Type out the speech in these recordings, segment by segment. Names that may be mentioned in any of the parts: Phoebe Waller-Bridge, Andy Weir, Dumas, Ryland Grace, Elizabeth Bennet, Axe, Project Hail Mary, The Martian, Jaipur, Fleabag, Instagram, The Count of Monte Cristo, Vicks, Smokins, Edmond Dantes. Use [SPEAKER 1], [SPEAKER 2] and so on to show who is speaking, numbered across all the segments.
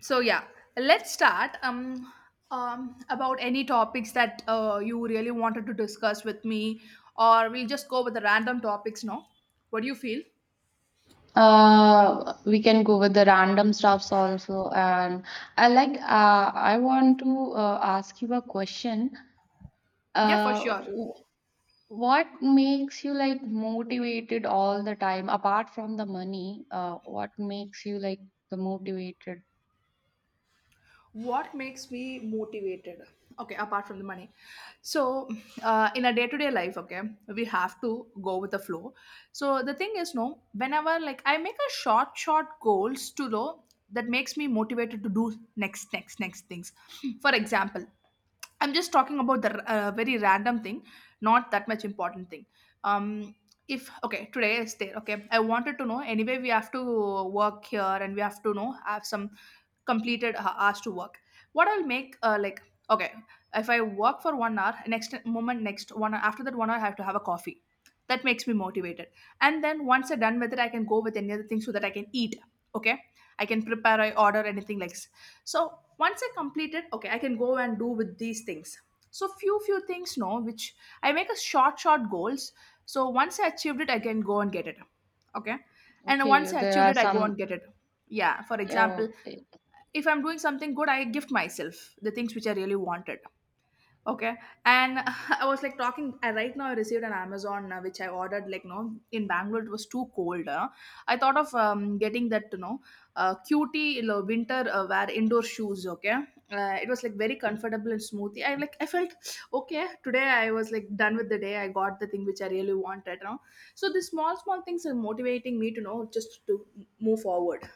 [SPEAKER 1] So yeah, let's start. About any topics that you really wanted to discuss with me, or we'll just go with the random topics. No, what do you feel?
[SPEAKER 2] We can go with the random stuffs also. And I want to ask you a question.
[SPEAKER 1] Yeah, for
[SPEAKER 2] Uh,
[SPEAKER 1] sure.
[SPEAKER 2] w- what makes you like motivated all the time, apart from the money? What makes you like the motivated?
[SPEAKER 1] What makes me motivated? Okay, apart from the money, so in a day-to-day life, okay, we have to go with the flow. So the thing is no, whenever like I make a short goals to low. That makes me motivated to do next things. For example, I'm just talking about the very random thing, not that much important thing. Um, if okay, today is there. Okay, I wanted to know. Anyway, we have to work here, and we have to know have some completed hours to work. What I'll make like, okay, if I work for 1 hour, next moment next 1 hour, after that 1 hour I have to have a coffee. That makes me motivated. And then once I'm done with it, I can go with any other thing so that I can eat. Okay, I can prepare, I order anything like so once I complete it, okay, I can go and do with these things. So few things no, which I make a short goals. So once I achieved it, I can go and get it. Okay, and
[SPEAKER 2] Okay,
[SPEAKER 1] once I
[SPEAKER 2] there
[SPEAKER 1] achieved
[SPEAKER 2] are
[SPEAKER 1] it, I go and
[SPEAKER 2] some.
[SPEAKER 1] get it. Yeah, for
[SPEAKER 2] Yeah,
[SPEAKER 1] example,
[SPEAKER 2] okay,
[SPEAKER 1] if I'm doing something good, I gift myself the things which I really wanted. Okay, and I was like talking. I Right now I received an Amazon which I ordered. Like no, in Bangalore it was too cold. I thought of getting that cutie, you know, winter wear indoor shoes. Okay, it was like very comfortable and smoothie. I like I felt okay today. I was like done with the day. I got the thing which I really wanted, so these small things are motivating me to know just to move forward.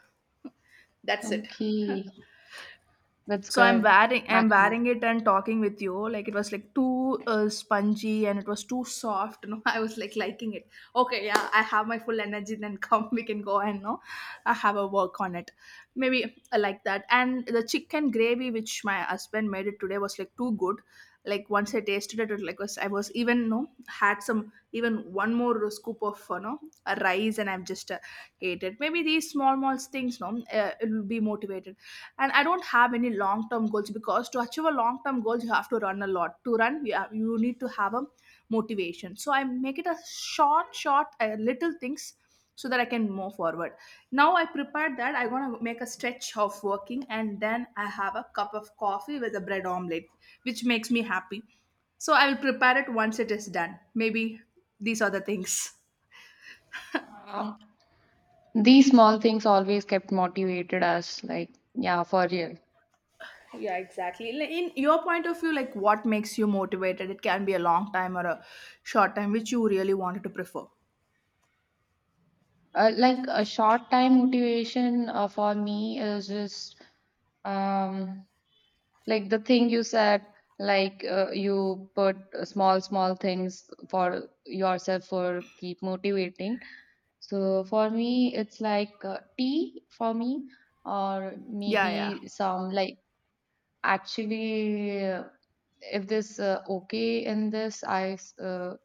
[SPEAKER 1] That's it.
[SPEAKER 2] okay, that's
[SPEAKER 1] So i'm
[SPEAKER 2] good.
[SPEAKER 1] wearing i'm
[SPEAKER 2] Actually,
[SPEAKER 1] wearing it and talking with you. Like it was like too spongy and it was too soft no. I was like liking it. Okay, yeah, I have my full energy. Then come, we can go. And no, I have a work on it, maybe. I like that, and the chicken gravy which my husband made it today was like too good. Like once I tasted it, it like was, I was even no had some even one more scoop of, you know, a rice, and I've just ate it. Maybe these small things no, it will be motivated. And I don't have any long term goals, because to achieve a long term goals you have to run a lot. To run you, have, you need to have a motivation, so I make it a short little things so that I can move forward. Now I prepared that I want to make a stretch of working and then I have a cup of coffee with a bread omelette, which makes me happy. So I will prepare it once it is done. Maybe these are the things.
[SPEAKER 2] Um, these small things always kept motivated us. Like, yeah, for real.
[SPEAKER 1] Yeah, exactly. Like, in your point of view, like what makes you motivated? It can be a long time or a short time, which you really wanted to prefer.
[SPEAKER 2] Like a short time motivation for me is just um, like the thing you said, like you put small, small things for yourself for keep motivating. So for me, it's like tea for me, or
[SPEAKER 1] Yeah, yeah.
[SPEAKER 2] maybe some like actually, if this okay in this,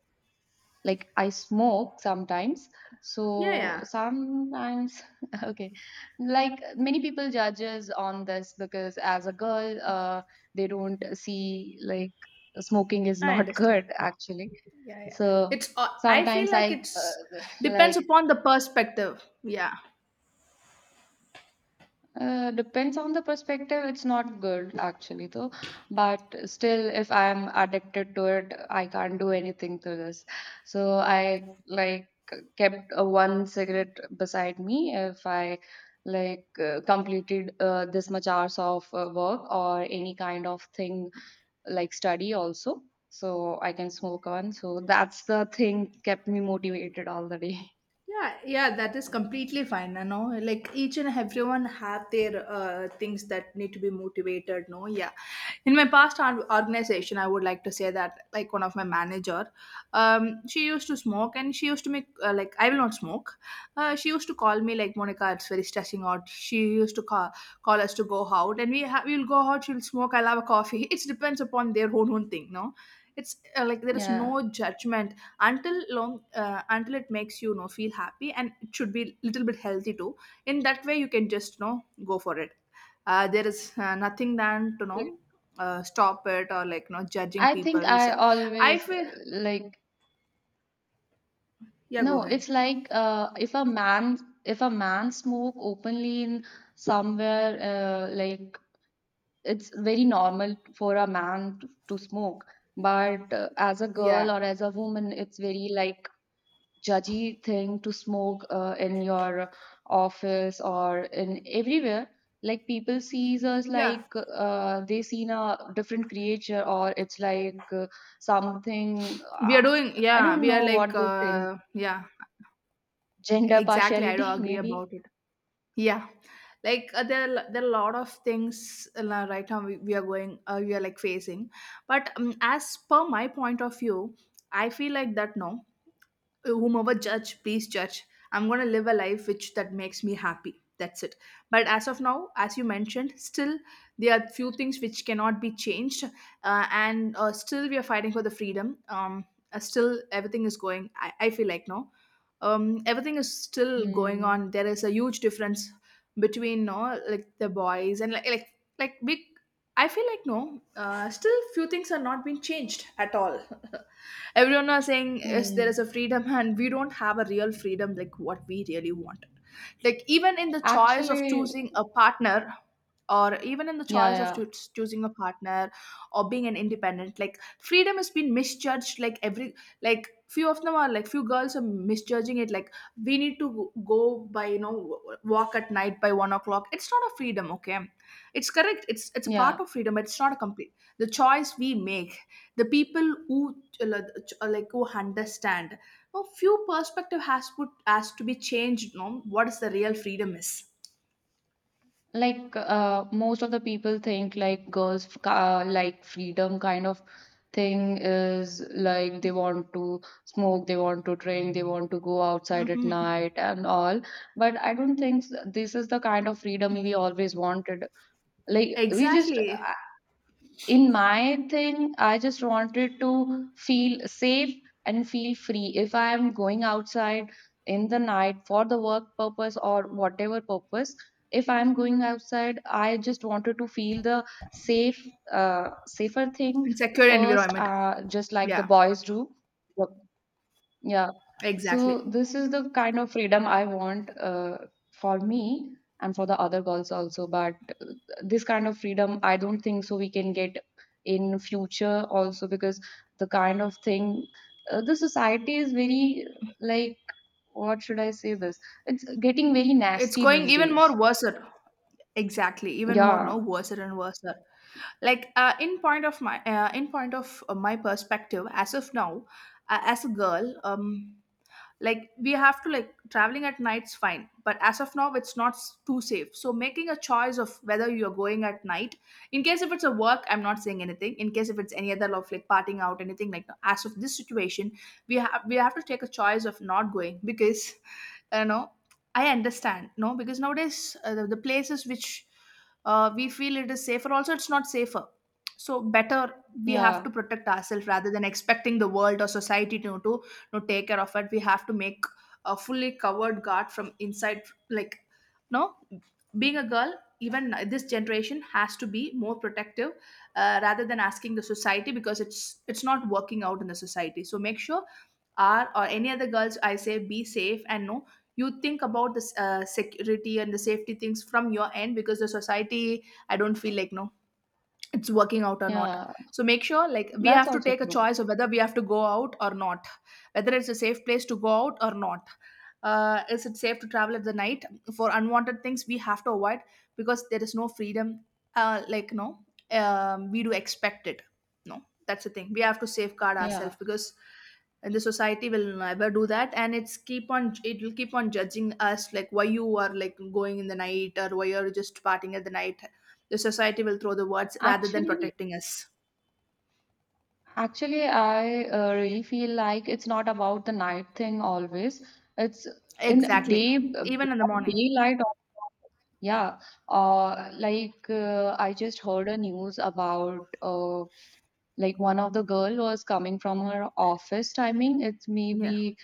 [SPEAKER 2] like I smoke sometimes,
[SPEAKER 1] Yeah,
[SPEAKER 2] so
[SPEAKER 1] yeah.
[SPEAKER 2] sometimes okay, like many people judges on this because as a girl they don't see like smoking is
[SPEAKER 1] I
[SPEAKER 2] not
[SPEAKER 1] understand.
[SPEAKER 2] good actually.
[SPEAKER 1] Yeah, yeah.
[SPEAKER 2] So
[SPEAKER 1] It's, I feel
[SPEAKER 2] sometimes I
[SPEAKER 1] like it's
[SPEAKER 2] uh,
[SPEAKER 1] depends
[SPEAKER 2] like
[SPEAKER 1] upon the perspective. Yeah.
[SPEAKER 2] Depends on the perspective. It's not good actually, though. But still, if I'm addicted to it, I can't do anything to this. So I like kept a one cigarette beside me if I like completed this much hours of work or any kind of thing like study also. So I can smoke one. So that's the thing kept me motivated all the day.
[SPEAKER 1] Yeah, yeah, that is completely fine. You know, like each and everyone have their things that need to be motivated. No, yeah, in my past organization, I would like to say that like one of my manager, um, she used to smoke, and she used to make like I will not smoke. She used to call me like Monica, it's very stressing out. She used to call us to go out, and we will go out, she'll smoke, I'll have a coffee. It depends upon their own thing no. It's like there is
[SPEAKER 2] Yeah.
[SPEAKER 1] no judgment until long, until it makes you, you know, feel happy, and it should be little bit healthy too. In that way, you can just, you know, go for it. There is nothing than to
[SPEAKER 2] Like,
[SPEAKER 1] know stop it or like, you know, judging
[SPEAKER 2] I think
[SPEAKER 1] people.
[SPEAKER 2] I
[SPEAKER 1] So I
[SPEAKER 2] always
[SPEAKER 1] feel,
[SPEAKER 2] like
[SPEAKER 1] yeah, go
[SPEAKER 2] no,
[SPEAKER 1] ahead.
[SPEAKER 2] it's like if a man smoke openly in somewhere, like it's very normal for a man to smoke, but as a
[SPEAKER 1] Yeah,
[SPEAKER 2] girl or as a woman, it's very like judgy thing to smoke in your office or in everywhere. Like people sees us
[SPEAKER 1] yeah,
[SPEAKER 2] like they seen a different creature or it's like something.
[SPEAKER 1] we are doing.
[SPEAKER 2] I
[SPEAKER 1] Yeah,
[SPEAKER 2] don't
[SPEAKER 1] we are
[SPEAKER 2] know
[SPEAKER 1] like,
[SPEAKER 2] what they think.
[SPEAKER 1] yeah,
[SPEAKER 2] Gender
[SPEAKER 1] exactly, I do
[SPEAKER 2] partiality,
[SPEAKER 1] agree
[SPEAKER 2] maybe.
[SPEAKER 1] about it. Yeah. Like there are a lot of things right now we are going, we are like facing. But as per my point of view, I feel like that no, whomever judge, please judge. I'm going to live a life which that makes me happy. That's it. But as of now, as you mentioned, still there are few things which cannot be changed. And Still we are fighting for the freedom. Still everything is going. I feel like no, everything is still going
[SPEAKER 2] Hmm.
[SPEAKER 1] on. There is a huge difference between no like the boys and like big. I feel like no, still few things are not being changed at all. Everyone was saying is there is a
[SPEAKER 2] Mm.
[SPEAKER 1] freedom. And we don't have a real freedom like what we really wanted." Like, even in the choice
[SPEAKER 2] Actually,
[SPEAKER 1] of choosing a partner, or even in the
[SPEAKER 2] yeah,
[SPEAKER 1] choice of
[SPEAKER 2] yeah,
[SPEAKER 1] choosing a partner, or being an independent, like freedom has been misjudged. Like every, like few of them are, like few girls are misjudging it. Like we need to go by, you know, walk at night by 1 o'clock, it's not a freedom. Okay, it's correct, it's a part
[SPEAKER 2] yeah.
[SPEAKER 1] of freedom, but it's not a complete the choice we make. The people who uh, like like, who understand no, few perspective has put has to be changed no, what is the real freedom is.
[SPEAKER 2] Like most of the people think like girls like freedom kind of thing is like they want to smoke, they want to drink, they want to go outside at
[SPEAKER 1] Hmm.
[SPEAKER 2] night and all. But I don't think this is the kind of freedom we always wanted. Like we just
[SPEAKER 1] Exactly.
[SPEAKER 2] in my thing, I just wanted to feel safe and feel free. If I am going outside in the night for the work purpose or whatever purpose, if I am going outside, I just wanted to feel the safe, safer thing
[SPEAKER 1] In secure
[SPEAKER 2] first,
[SPEAKER 1] environment.
[SPEAKER 2] just like the
[SPEAKER 1] Yeah.
[SPEAKER 2] boys do. Yep. Yeah. So
[SPEAKER 1] Exactly.
[SPEAKER 2] this is the kind of freedom I want, for me and for the other girls also. But uh, this kind of freedom, I don't think so we can get in future also because the kind of thing, the society is very like, what should I say this? It's getting very
[SPEAKER 1] It's
[SPEAKER 2] nasty
[SPEAKER 1] going
[SPEAKER 2] these
[SPEAKER 1] even more
[SPEAKER 2] days.
[SPEAKER 1] worse. Exactly, even more
[SPEAKER 2] Yeah,
[SPEAKER 1] no, worse and worse. Like in point of my, in point of my perspective as of now, as a girl, like we have to, like traveling at night's fine, but as of now it's not too safe, so making a choice of whether you're going at night, in case if it's a work, I'm not saying anything. In case if it's any other of like parting out anything like that, as of this situation, we have to take a choice of not going because, you know, I understand no, because nowadays the places which we feel it is safer also, it's not safer. So better we have
[SPEAKER 2] yeah,
[SPEAKER 1] to protect ourselves rather than expecting the world or society to take care of it. We have to make a fully covered guard from inside, like no, being a girl, even this generation has to be more protective, rather than asking the society, because it's not working out in the society. So make sure are, or any other girls I say be safe, and no, you think about the security and the safety things from your end, because the society I don't feel like no it's working out or not.
[SPEAKER 2] yeah.
[SPEAKER 1] So make sure like we
[SPEAKER 2] That's
[SPEAKER 1] have to
[SPEAKER 2] also
[SPEAKER 1] take a
[SPEAKER 2] true.
[SPEAKER 1] choice of whether we have to go out or not, whether it's a safe place to go out or not. Is it safe to travel at the night? For unwanted things we have to avoid, because there is no freedom like no, we do expect it, no, that's the thing. We have to safeguard ourselves,
[SPEAKER 2] Yeah.
[SPEAKER 1] because and the society will never do that, and it's keep on, it will keep on judging us like why you are like going in the night or why you're just partying at the night. The society will throw the words rather than
[SPEAKER 2] Actually,
[SPEAKER 1] protecting us.
[SPEAKER 2] I really feel like it's not about the night thing always. It's in
[SPEAKER 1] Exactly.
[SPEAKER 2] day,
[SPEAKER 1] Even in the
[SPEAKER 2] broad
[SPEAKER 1] morning.
[SPEAKER 2] daylight. Yeah, like I just heard a news about like one of the girl was coming from her office timing. It's
[SPEAKER 1] Yeah.
[SPEAKER 2] maybe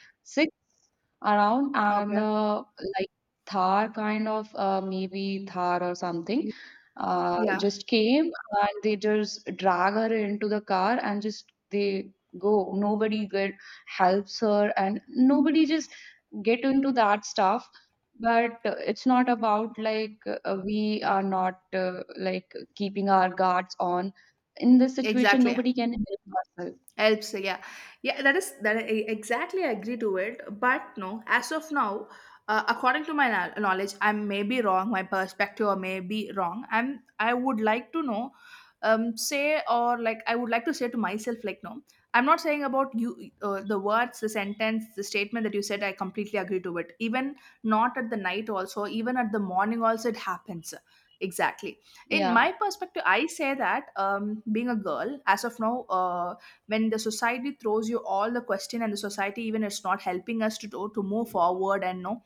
[SPEAKER 2] around and
[SPEAKER 1] Okay.
[SPEAKER 2] like Thar kind of maybe Thar or something
[SPEAKER 1] Yeah.
[SPEAKER 2] just came, and they just drag her into the car and just they go. Nobody get helps her and nobody just get into that stuff. But it's not about like we are not like keeping our guards on. In this situation,
[SPEAKER 1] Exactly.
[SPEAKER 2] nobody can help ourselves.
[SPEAKER 1] Helps, yeah, yeah, that is that I exactly agree to it, but no, as of now, according to my knowledge, I may be wrong, my perspective or may be wrong. I'm, I would like to know, say, or like I would like to say to myself like no, I'm not saying about you. The words, the sentence, the statement that you said, I completely agree to it. Even not at the night also, even at the morning also it happens. Exactly. In
[SPEAKER 2] Yeah,
[SPEAKER 1] my perspective I say that, being a girl as of now, uh when the society throws you all the question, and the society even it's not helping us to do, to move forward, and no,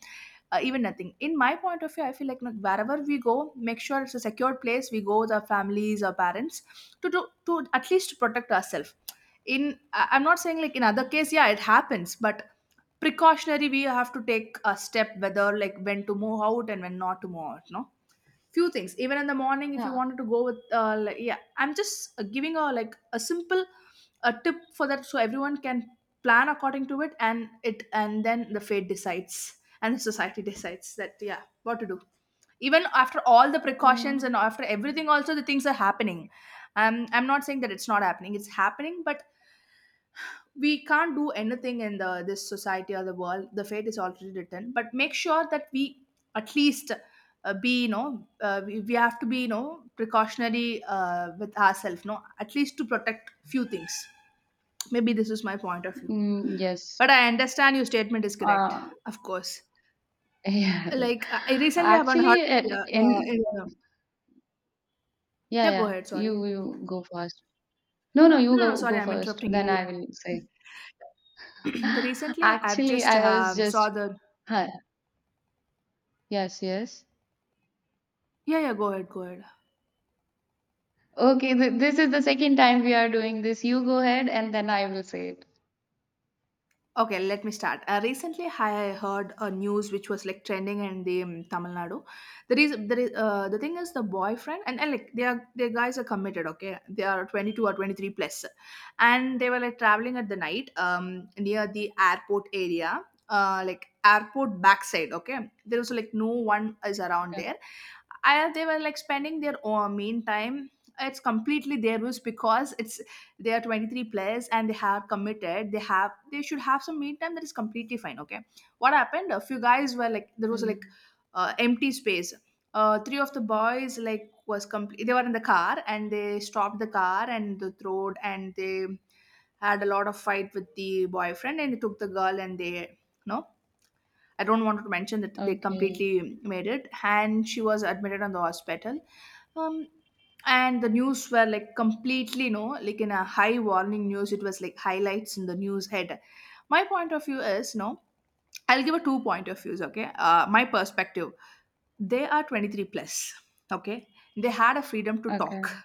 [SPEAKER 1] even nothing. In my point of view I feel like no, wherever we go make sure it's a secure place, we go with our families, our parents, to do to at least protect ourselves. I'm not saying like in other case yeah it happens, but precautionary we have to take a step, whether like when to move out and when not to move out, no, few things. Even in the morning if you
[SPEAKER 2] yeah.
[SPEAKER 1] wanted to go with like, yeah, I'm just giving a like a simple a tip for that, so everyone can plan according to it, and it and then the fate decides and the society decides that yeah what to do. Even after all the precautions and
[SPEAKER 2] Mm,
[SPEAKER 1] after everything also the things are happening. I'm not saying that it's not happening, it's happening, but we can't do anything in the this society or the world. The fate is already written, but make sure that we at least be you know we have to be you know precautionary with ourselves, no, at least to protect few things. Maybe this is my point of view,
[SPEAKER 2] mm, yes.
[SPEAKER 1] but I understand your statement is correct.
[SPEAKER 2] Uh,
[SPEAKER 1] Of course.
[SPEAKER 2] yeah.
[SPEAKER 1] Like I recently haven't heard.
[SPEAKER 2] Actually,
[SPEAKER 1] Yeah,
[SPEAKER 2] in
[SPEAKER 1] yeah.
[SPEAKER 2] yeah,
[SPEAKER 1] Yeah, go
[SPEAKER 2] yeah.
[SPEAKER 1] ahead, sorry.
[SPEAKER 2] You go first. No, no, you
[SPEAKER 1] No, no,
[SPEAKER 2] go
[SPEAKER 1] sorry,
[SPEAKER 2] go
[SPEAKER 1] I'm
[SPEAKER 2] first.
[SPEAKER 1] interrupting you.
[SPEAKER 2] Then
[SPEAKER 1] You
[SPEAKER 2] I
[SPEAKER 1] go.
[SPEAKER 2] will say.
[SPEAKER 1] The recently I've
[SPEAKER 2] Actually,
[SPEAKER 1] just
[SPEAKER 2] I was
[SPEAKER 1] saw
[SPEAKER 2] just
[SPEAKER 1] the.
[SPEAKER 2] huh, yes, yes.
[SPEAKER 1] Yeah, yeah, go ahead, go ahead.
[SPEAKER 2] Okay, th this is the second time we are doing this. You go ahead, and then I will say it.
[SPEAKER 1] Okay, let me start. Recently, I heard a news which was like trending in the Tamil Nadu. The reason, the thing is, the boyfriend and like they are, their guys are committed. Okay, they are 22 or 23 plus, and they were like traveling at the night near the airport area, like airport backside. Okay, there was like no one is around
[SPEAKER 2] Okay.
[SPEAKER 1] there. I, they were like spending their own mean time. It's completely their rules because it's they are 23 players and they have committed, they have they should have some meet time, that is completely fine. Okay, what happened, a few guys were like, there was like
[SPEAKER 2] Mm.
[SPEAKER 1] empty space, three of the boys like was complete, they were in the car and they stopped the car and the road, and they had a lot of fight with the boyfriend, and they took the girl and they, no, I don't want to mention that, they
[SPEAKER 2] Okay.
[SPEAKER 1] completely made it and she was admitted on the hospital. Um, and the news were like completely, no, like in a high warning news, it was like highlights in the news head. My point of view is, no, I'll give a 2 point of views, okay? My perspective. They are 23 plus, okay? They had a freedom to talk.
[SPEAKER 2] Okay.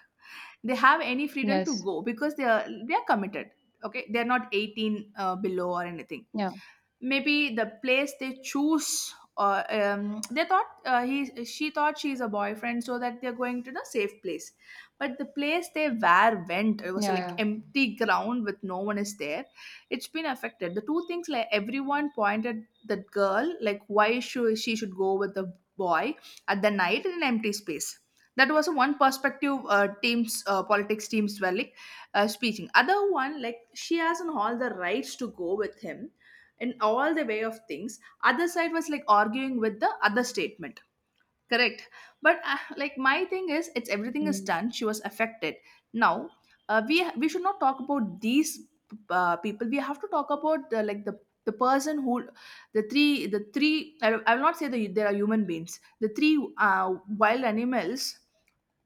[SPEAKER 1] They have any freedom to
[SPEAKER 2] Yes.
[SPEAKER 1] go because they are committed, okay? They're not 18 below or anything.
[SPEAKER 2] Yeah.
[SPEAKER 1] Maybe the place they choose, they thought, he she thought she's a boyfriend, so that they're going to the safe place. But the place they were went, it was
[SPEAKER 2] Yeah.
[SPEAKER 1] like
[SPEAKER 2] Yeah.
[SPEAKER 1] empty ground with no one is there. It's been affected the two things, like everyone pointed that girl, like why should she should go with the boy at the night in an empty space. That was one perspective. Teams, politics teams were like speaking other one, like she has an all the rights to go with him in all the way of things. Other side was like arguing with the other statement. Correct. But like my thing is, it's everything is
[SPEAKER 2] Mm.
[SPEAKER 1] done, she was affected now. Uh, we should not talk about these people. We have to talk about the, like the person who, the three, I will not say that there are human beings, the three, uh, wild animals.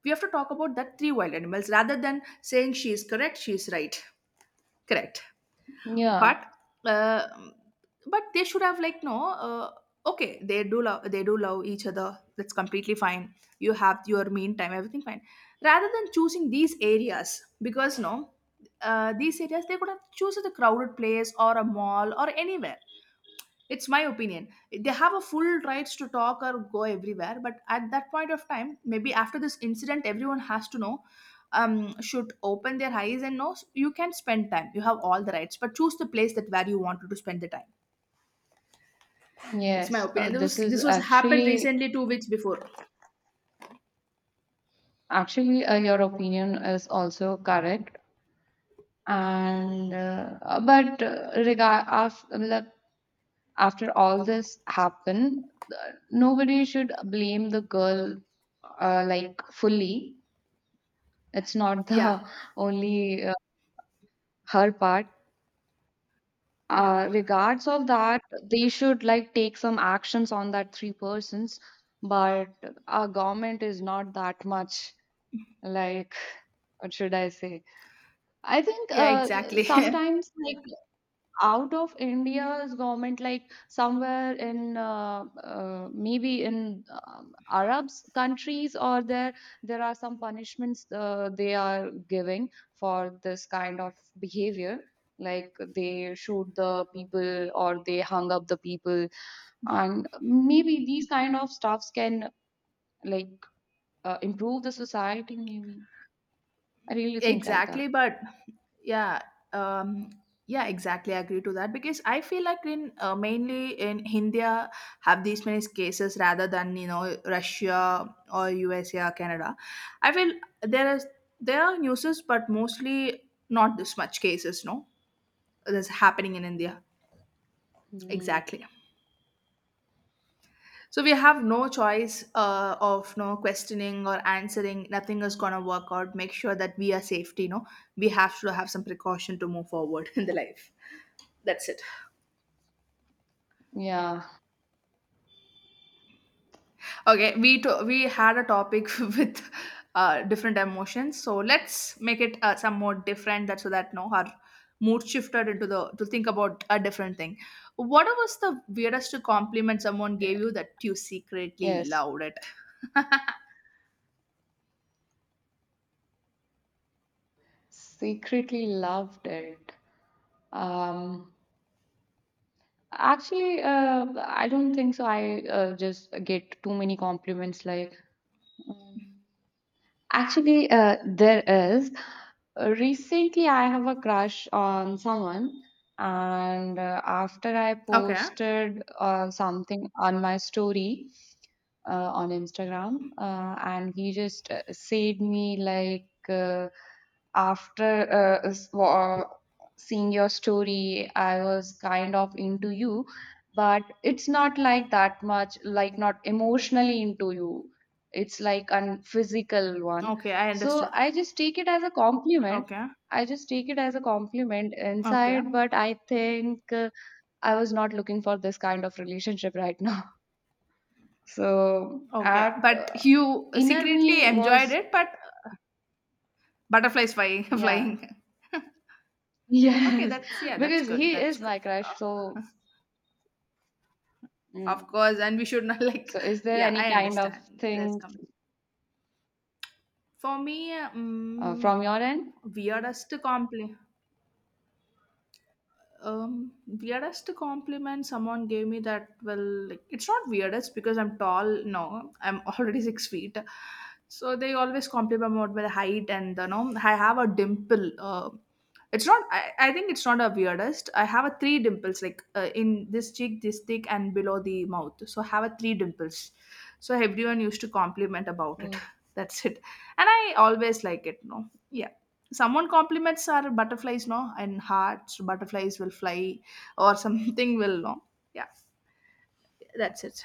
[SPEAKER 1] We have to talk about that three wild animals rather than saying she is correct, she is right. Correct,
[SPEAKER 2] Yeah.
[SPEAKER 1] but uh, but they should have like no okay, they do love, they do love each other, that's completely fine. You have your mean time, everything fine, rather than choosing these areas, because no, these areas, they could have chosen a crowded place or a mall or anywhere. It's my opinion. They have a full rights to talk or go everywhere, but at that point of time, maybe after this incident, everyone has to know, should open their eyes and know you can spend time. You have all the rights, but choose the place that where you wanted to spend the time. It's my
[SPEAKER 2] Yes.
[SPEAKER 1] opinion.
[SPEAKER 2] This is
[SPEAKER 1] This was happened
[SPEAKER 2] actually
[SPEAKER 1] recently 2 weeks before.
[SPEAKER 2] actually uh, your opinion is also correct. And but regard after all this happened, nobody should blame the girl, like, fully. It's not
[SPEAKER 1] Yeah,
[SPEAKER 2] the only her part,
[SPEAKER 1] yeah,
[SPEAKER 2] regards of that they should like take some actions on that three persons. But our government is not that much, like, what should I say? I think
[SPEAKER 1] yeah. Exactly,
[SPEAKER 2] sometimes like out of India's government, like somewhere in maybe in Arabs countries, or there are some punishments they are giving for this kind of behavior. Like they shoot the people or they hung up the people, and maybe these kind of stuffs can like improve the society. Maybe I really think like that.
[SPEAKER 1] exactly. But yeah, um, yeah, exactly. I agree to that because I feel like in mainly in India have these many cases rather than you know Russia or USA or Canada. I feel there is, there are newses, but mostly not this much cases. No, that's happening in India.
[SPEAKER 2] Mm,
[SPEAKER 1] Exactly. So we have no choice of no questioning or answering. Nothing is gonna work out. Make sure that we are safety. No, we have to have some precaution to move forward in the life. That's it.
[SPEAKER 2] yeah.
[SPEAKER 1] Okay, we had a topic with different emotions, so let's make it some more different. That so that no, our mood shifted into the to think about a different thing. What was the weirdest compliment someone gave you that you secretly
[SPEAKER 2] Yes.
[SPEAKER 1] loved it?
[SPEAKER 2] Secretly loved it. Um, Actually, I don't think so. I just get too many compliments. Like, um, actually, there is. Recently, I have a crush on someone, and after I
[SPEAKER 1] Okay,
[SPEAKER 2] posted something on my story on Instagram, and he just said me like. After uh, s- wa- seeing your story, I was kind of into you, but it's not like that much, like not emotionally into you, it's like a physical one.
[SPEAKER 1] okay, I
[SPEAKER 2] So
[SPEAKER 1] understood.
[SPEAKER 2] I just take it as a compliment.
[SPEAKER 1] Okay,
[SPEAKER 2] I just take it as a compliment
[SPEAKER 1] okay,
[SPEAKER 2] inside, but I think I was not looking for this kind of relationship right now. So
[SPEAKER 1] okay,
[SPEAKER 2] at
[SPEAKER 1] but you
[SPEAKER 2] inner me
[SPEAKER 1] secretly enjoyed
[SPEAKER 2] was,
[SPEAKER 1] it, but butterflies
[SPEAKER 2] yeah,
[SPEAKER 1] flying. Okay,
[SPEAKER 2] yes.
[SPEAKER 1] that's yeah, that's
[SPEAKER 2] Because
[SPEAKER 1] good.
[SPEAKER 2] he
[SPEAKER 1] That's
[SPEAKER 2] is
[SPEAKER 1] good.
[SPEAKER 2] my crush, so.
[SPEAKER 1] Of
[SPEAKER 2] Mm.
[SPEAKER 1] course, and we should not like,
[SPEAKER 2] So, is there
[SPEAKER 1] yeah,
[SPEAKER 2] any
[SPEAKER 1] I
[SPEAKER 2] kind of
[SPEAKER 1] understand. Yeah, that's
[SPEAKER 2] things
[SPEAKER 1] come for me.
[SPEAKER 2] from your end?
[SPEAKER 1] Weirdest compliment. Weirdest compliment someone gave me that well, like, it's not weirdest because I'm tall, no, I'm already 6 feet, so they always compliment me about my height. And you know, I have a dimple. It's not I think it's not a weirdest. I have a three dimples, like in this cheek, this cheek, and below the mouth, so I have a three dimples. So everyone used to compliment about it.
[SPEAKER 2] Mm.
[SPEAKER 1] That's it. And I always like it, no. Yeah, someone compliments, our butterflies no and hearts butterflies will fly or something will no. Yeah, that's it.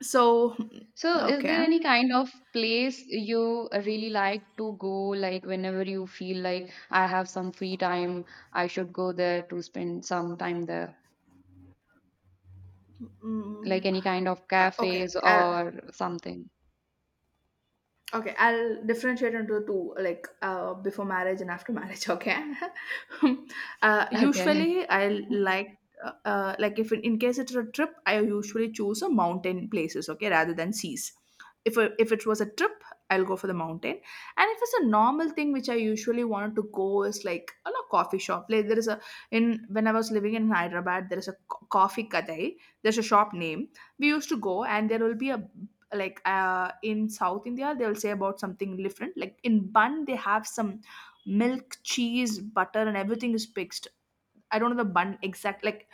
[SPEAKER 1] So,
[SPEAKER 2] So, is there
[SPEAKER 1] okay.
[SPEAKER 2] any kind of place you really like to go, like whenever you feel like I have some free time, I should go there to spend some time there, like
[SPEAKER 1] Mm,
[SPEAKER 2] any kind of
[SPEAKER 1] okay
[SPEAKER 2] cafes or something?
[SPEAKER 1] okay, I'll differentiate into two, like before marriage and after marriage. Okay,
[SPEAKER 2] Okay.
[SPEAKER 1] usually I like if in, in case it's a trip, I usually choose a mountain places. Okay, rather than seas. If a, if it was a trip, I'll go for the mountain. And if it's a normal thing, which I usually wanted to go, is like a lot coffee shop. Like there is a, in when I was living in Hyderabad, there is a coffee kadai. There's a shop name, we used to go, and there will be a, like in south india they'll say about something different, like in bun they have some milk cheese butter and everything is mixed. I don't know the bun exact like,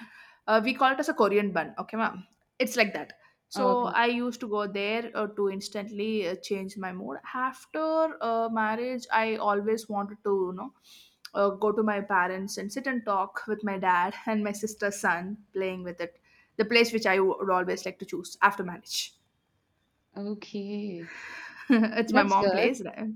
[SPEAKER 1] we call it as a korean bun, okay ma'am, it's like that. So
[SPEAKER 2] Okay.
[SPEAKER 1] I used to go there to instantly change my mood. After marriage I always wanted to you know go to my parents and sit and talk with my dad and my sister's son playing with it, the place which I would always like to choose after marriage.
[SPEAKER 2] Okay.
[SPEAKER 1] It's my
[SPEAKER 2] That's
[SPEAKER 1] mom
[SPEAKER 2] good.
[SPEAKER 1] place there.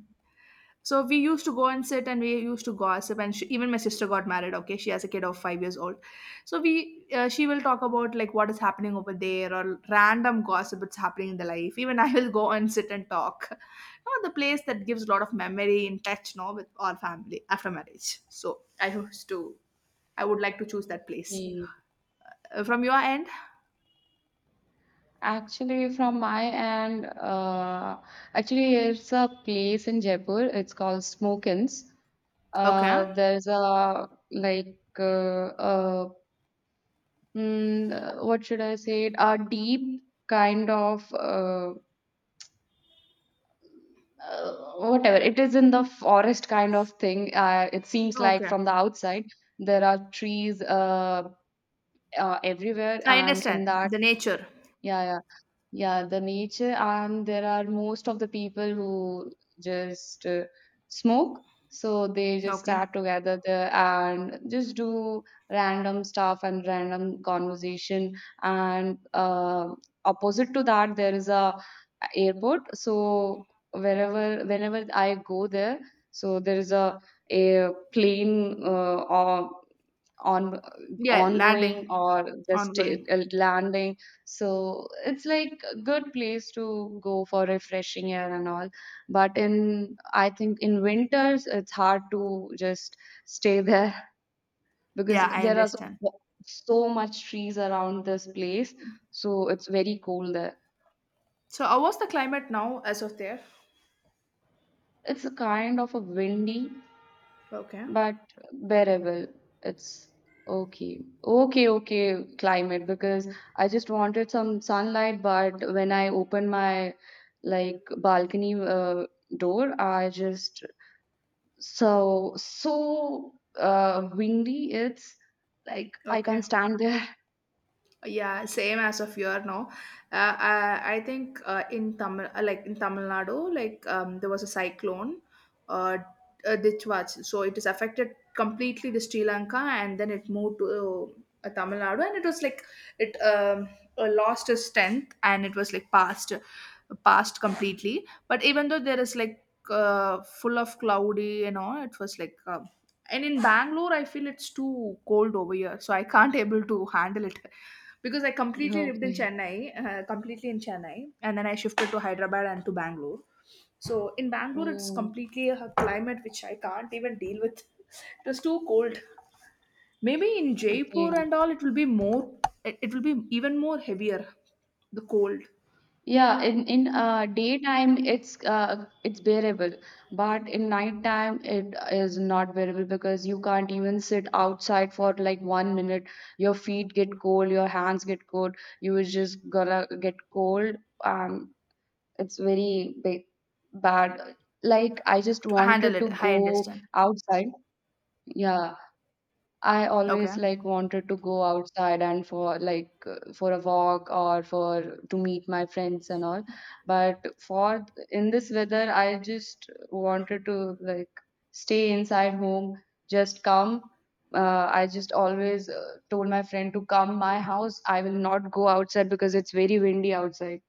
[SPEAKER 1] So we used to go and sit and we used to gossip, and she, even my sister got married. Okay, she has a kid of 5 years old. So we she will talk about like what is happening over there, or random gossip that's happening in the life. Even I will go and sit and talk. You know, the place that gives a lot of memory in touch, no, with our family after marriage. So I would like to choose that place.
[SPEAKER 2] Yeah.
[SPEAKER 1] From your end,
[SPEAKER 2] Actually, from my end, actually, it's a place in Jaipur. It's called Smokins.
[SPEAKER 1] okay,
[SPEAKER 2] There's a, like, what should I say? It? A deep kind of, uh, whatever. It is in the forest kind of thing. It seems like
[SPEAKER 1] okay,
[SPEAKER 2] from the outside there are trees everywhere,
[SPEAKER 1] I
[SPEAKER 2] and in
[SPEAKER 1] understand
[SPEAKER 2] that,
[SPEAKER 1] the nature.
[SPEAKER 2] yeah, yeah. Yeah, the nature, and there are most of the people who just smoke. So they just
[SPEAKER 1] Okay.
[SPEAKER 2] start together there and just do random stuff and random conversation. And opposite to that, there is a airport. So wherever, whenever I go there, so there is a plane, or on
[SPEAKER 1] Yeah,
[SPEAKER 2] ongoing
[SPEAKER 1] landing,
[SPEAKER 2] or just
[SPEAKER 1] ongoing.
[SPEAKER 2] landing. So it's like a good place to go for refreshing air and all, but in I think in winters it's hard to just stay there
[SPEAKER 1] Yeah,
[SPEAKER 2] because
[SPEAKER 1] I
[SPEAKER 2] there are so
[SPEAKER 1] understand.
[SPEAKER 2] so much trees around this place, so it's very cold there.
[SPEAKER 1] So, how was the climate now as of there?
[SPEAKER 2] It's a kind of a windy.
[SPEAKER 1] Okay,
[SPEAKER 2] But bearable. It's okay. Okay, okay, climate because I just wanted some sunlight, but when I opened my like balcony door, I just so so windy. It's like I
[SPEAKER 1] okay.
[SPEAKER 2] can't stand there.
[SPEAKER 1] Yeah, same as of year now. I think in Tamil, like in Tamil Nadu, like there was a cyclone, uh, a ditch watch. So it is affected completely the Sri Lanka, and then it moved to Tamil Nadu, and it was like it lost its strength, and it was like passed completely. But even though there is like full of cloudy and all, it was like and in Bangalore I feel it's too cold over here, so I can't able to handle it because I completely lived in
[SPEAKER 2] Okay.
[SPEAKER 1] Chennai, completely in Chennai, and then I shifted to Hyderabad and to Bangalore. So in Bangalore it's
[SPEAKER 2] Oh,
[SPEAKER 1] completely a climate which I can't even deal with. It was too cold. Maybe in Jaipur
[SPEAKER 2] okay.
[SPEAKER 1] and all it will be more, it will be even more heavier, the cold
[SPEAKER 2] Yeah, in daytime it's bearable, but in nighttime it is not bearable because you can't even sit outside for like 1 minute. Your feet get cold, your hands get cold. You is just gonna get cold. Um, it's very bad. Like I just
[SPEAKER 1] to handle
[SPEAKER 2] wanted
[SPEAKER 1] it.
[SPEAKER 2] to
[SPEAKER 1] I
[SPEAKER 2] go
[SPEAKER 1] understand.
[SPEAKER 2] outside. Yeah, I
[SPEAKER 1] Okay.
[SPEAKER 2] always like wanted to go outside and for like for a walk or for to meet my friends and all. But for in this weather, I just wanted to like stay inside home, just come. I just always told my friend to come my house. I will not go outside because it's very windy outside.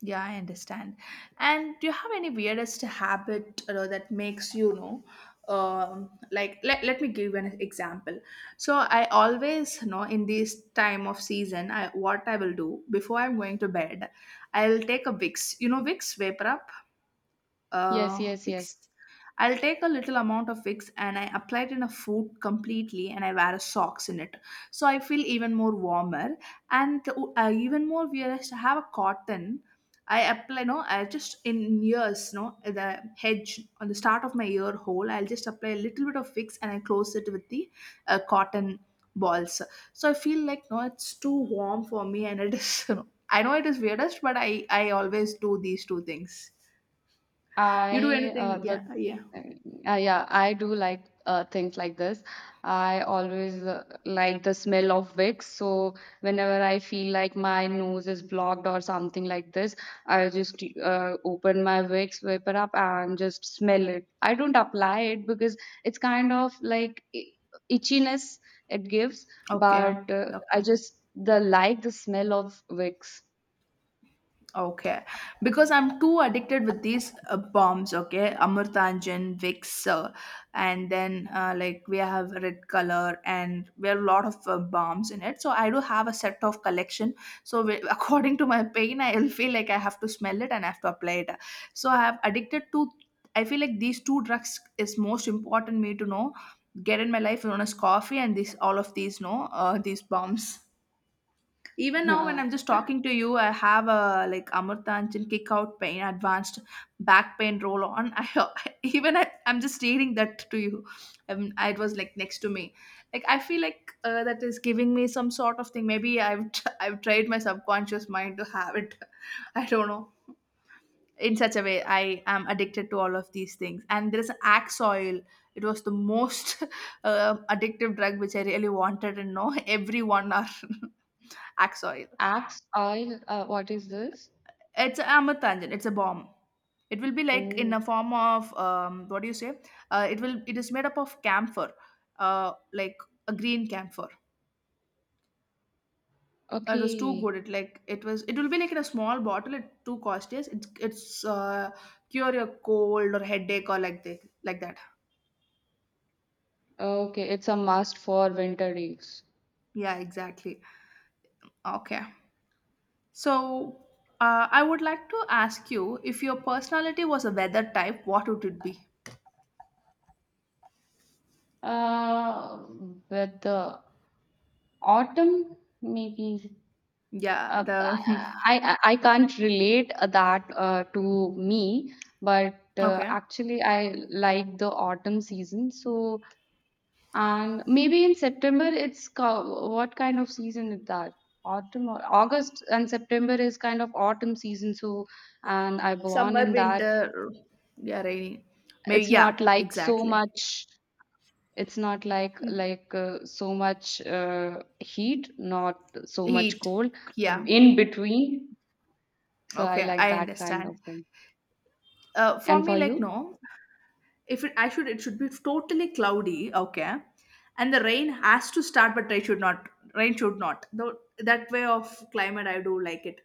[SPEAKER 1] Yeah, I understand. And do you have any weirdest habit, you know, that makes, you know, like let me give you an example. So I always, you know, in this time of season, I what I will do before I'm going to bed, I'll take a Vicks. You know, Vicks Vapor Up,
[SPEAKER 2] Yes, yes, yes.
[SPEAKER 1] Vicks. I'll take a little amount of Vicks and I apply it in a foot completely and I wear a socks in it. So I feel even more warmer, and even more weirdest, I have a cotton. I apply, no, I just in ears, no, the hedge on the start of my ear hole. I'll just apply a little bit of Vicks and I close it with the cotton balls. So I feel like, no, it's too warm for me, and it is. You know, I know it is weirdest, but I always do these two things. You do
[SPEAKER 2] I
[SPEAKER 1] anything? Yeah,
[SPEAKER 2] the
[SPEAKER 1] yeah.
[SPEAKER 2] Yeah, I do like things like this. I always like the smell of Vicks. So whenever I feel like my nose is blocked or something like this, I just open my Vicks, whip up, and just smell it. I don't apply it because it's kind of like itchiness it gives,
[SPEAKER 1] Okay.
[SPEAKER 2] but
[SPEAKER 1] Okay.
[SPEAKER 2] I just the like the smell of Vicks.
[SPEAKER 1] Okay. Because I'm too addicted with these bombs, okay? Amurtanjan, Vicks, and then like we have red color and we have a lot of bombs in it. So I do have a set of collection. So we, according to my pain, I'll feel like I have to smell it and I have to apply it. So I have addicted to, I feel like these two drugs is most important me to know, get in my life, known as coffee and these, all of these, no, these bombs. Even now, when I'm just talking to you, I have a like Amurthanchal kick out pain, advanced back pain roll on. I even I'm just stating that to you. It was like next to me. Like I feel like that is giving me some sort of thing. Maybe I've I've tried my subconscious mind to have it. I don't know. In such a way, I am addicted to all of these things. And there is axe oil. It was the most addictive drug which I really wanted, and no, every 1 hour axe oil.
[SPEAKER 2] Axe oil, what is this?
[SPEAKER 1] It's a I'm a tangent. It's a bomb. It will be like in
[SPEAKER 2] Oh.
[SPEAKER 1] a form of what do you say? It will. It is made up of camphor, like a green camphor. It was too
[SPEAKER 2] Okay,
[SPEAKER 1] good. It like it was. It will be like in a small bottle. It too costly. It's cure your cold or headache or like this like that.
[SPEAKER 2] okay, it's a must for winter days.
[SPEAKER 1] Yeah, exactly. Okay. So I would like to ask you, if your personality was a weather type, what would it be?
[SPEAKER 2] Uh, with the autumn, maybe.
[SPEAKER 1] Yeah.
[SPEAKER 2] Uh, I,
[SPEAKER 1] The
[SPEAKER 2] I can't relate that to me, but
[SPEAKER 1] okay.
[SPEAKER 2] actually I like the autumn season. So, and maybe in September what kind of season is that? Autumn or August and September is kind of autumn season. So, and I born
[SPEAKER 1] Summer,
[SPEAKER 2] in that.
[SPEAKER 1] winter, yeah, rainy. Maybe,
[SPEAKER 2] It's
[SPEAKER 1] yeah,
[SPEAKER 2] not like so
[SPEAKER 1] exactly.
[SPEAKER 2] much. It's not like
[SPEAKER 1] Mm.
[SPEAKER 2] like uh, so much heat, not so much
[SPEAKER 1] Heat,
[SPEAKER 2] cold,
[SPEAKER 1] yeah.
[SPEAKER 2] in between. So I
[SPEAKER 1] Okay,
[SPEAKER 2] like
[SPEAKER 1] I
[SPEAKER 2] that kind
[SPEAKER 1] understand.
[SPEAKER 2] of thing.
[SPEAKER 1] For
[SPEAKER 2] And
[SPEAKER 1] me,
[SPEAKER 2] for
[SPEAKER 1] like,
[SPEAKER 2] you?
[SPEAKER 1] no. If it, I should it should be totally cloudy. Okay. And the rain has to start, but rain should not, rain should not though. That way of climate I do like it.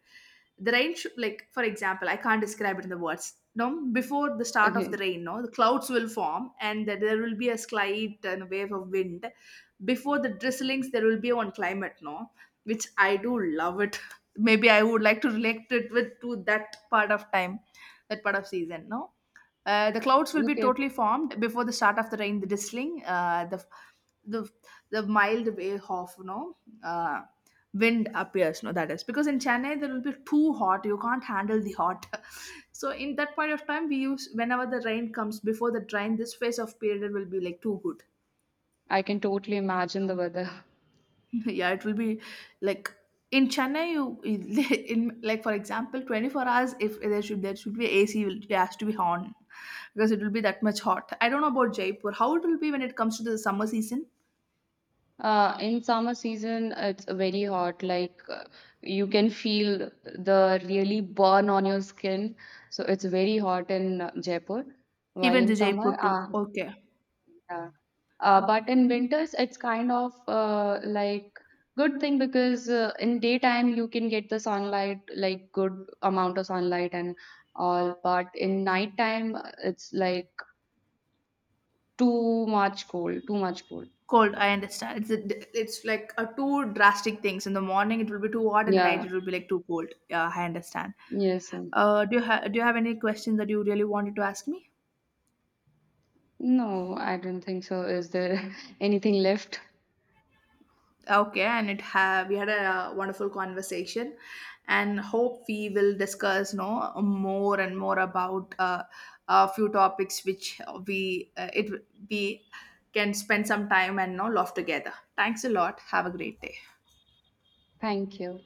[SPEAKER 1] The rain should, like for example, I can't describe it in the words. No, before the start of
[SPEAKER 2] Okay,
[SPEAKER 1] the rain, no, the clouds will form and that there will be a slight wave of wind before the drizzlings. There will be one climate, no, which I do love it. Maybe I would like to relate it with to that part of time, that part of season, no. The clouds will be
[SPEAKER 2] okay.
[SPEAKER 1] totally formed before the start of the rain, the drizzling, the the mild wave of, you know, uh, wind appears. No, that is because in Chennai there will be too hot. You can't handle the hot. So in that point of time, we use whenever the rain comes, before the rain, this phase of period will be like too good.
[SPEAKER 2] I can totally imagine the weather.
[SPEAKER 1] Yeah, it will be like in Chennai you in like for example 24 hours if there should be ac will it has to be on, because it will be that much hot. I don't know about Jaipur how it will be when it comes to the summer season.
[SPEAKER 2] In summer season, it's very hot. Like you can feel the really burn on your skin. So it's very hot in Jaipur. While
[SPEAKER 1] Even the
[SPEAKER 2] in
[SPEAKER 1] Jaipur
[SPEAKER 2] summer,
[SPEAKER 1] too. Okay.
[SPEAKER 2] yeah. But
[SPEAKER 1] Okay.
[SPEAKER 2] in winters, it's kind of like good thing because in daytime you can get the sunlight, like good amount of sunlight and all. But in nighttime, it's like too much cold, too much cold.
[SPEAKER 1] Cold, I understand. It's a, it's like a two drastic things. In the morning it will be too hot, in the night
[SPEAKER 2] Yeah.
[SPEAKER 1] it will be like too cold. Yeah, I understand.
[SPEAKER 2] Yes.
[SPEAKER 1] Uh, do you have, do you have any question that you really wanted to ask me?
[SPEAKER 2] No, I don't think so. Is there anything left?
[SPEAKER 1] Okay, and it have we had a wonderful conversation, and hope we will discuss no more and more about a few topics which we it we can spend some time and no love together. Thanks a lot. Have a great day.
[SPEAKER 2] Thank you.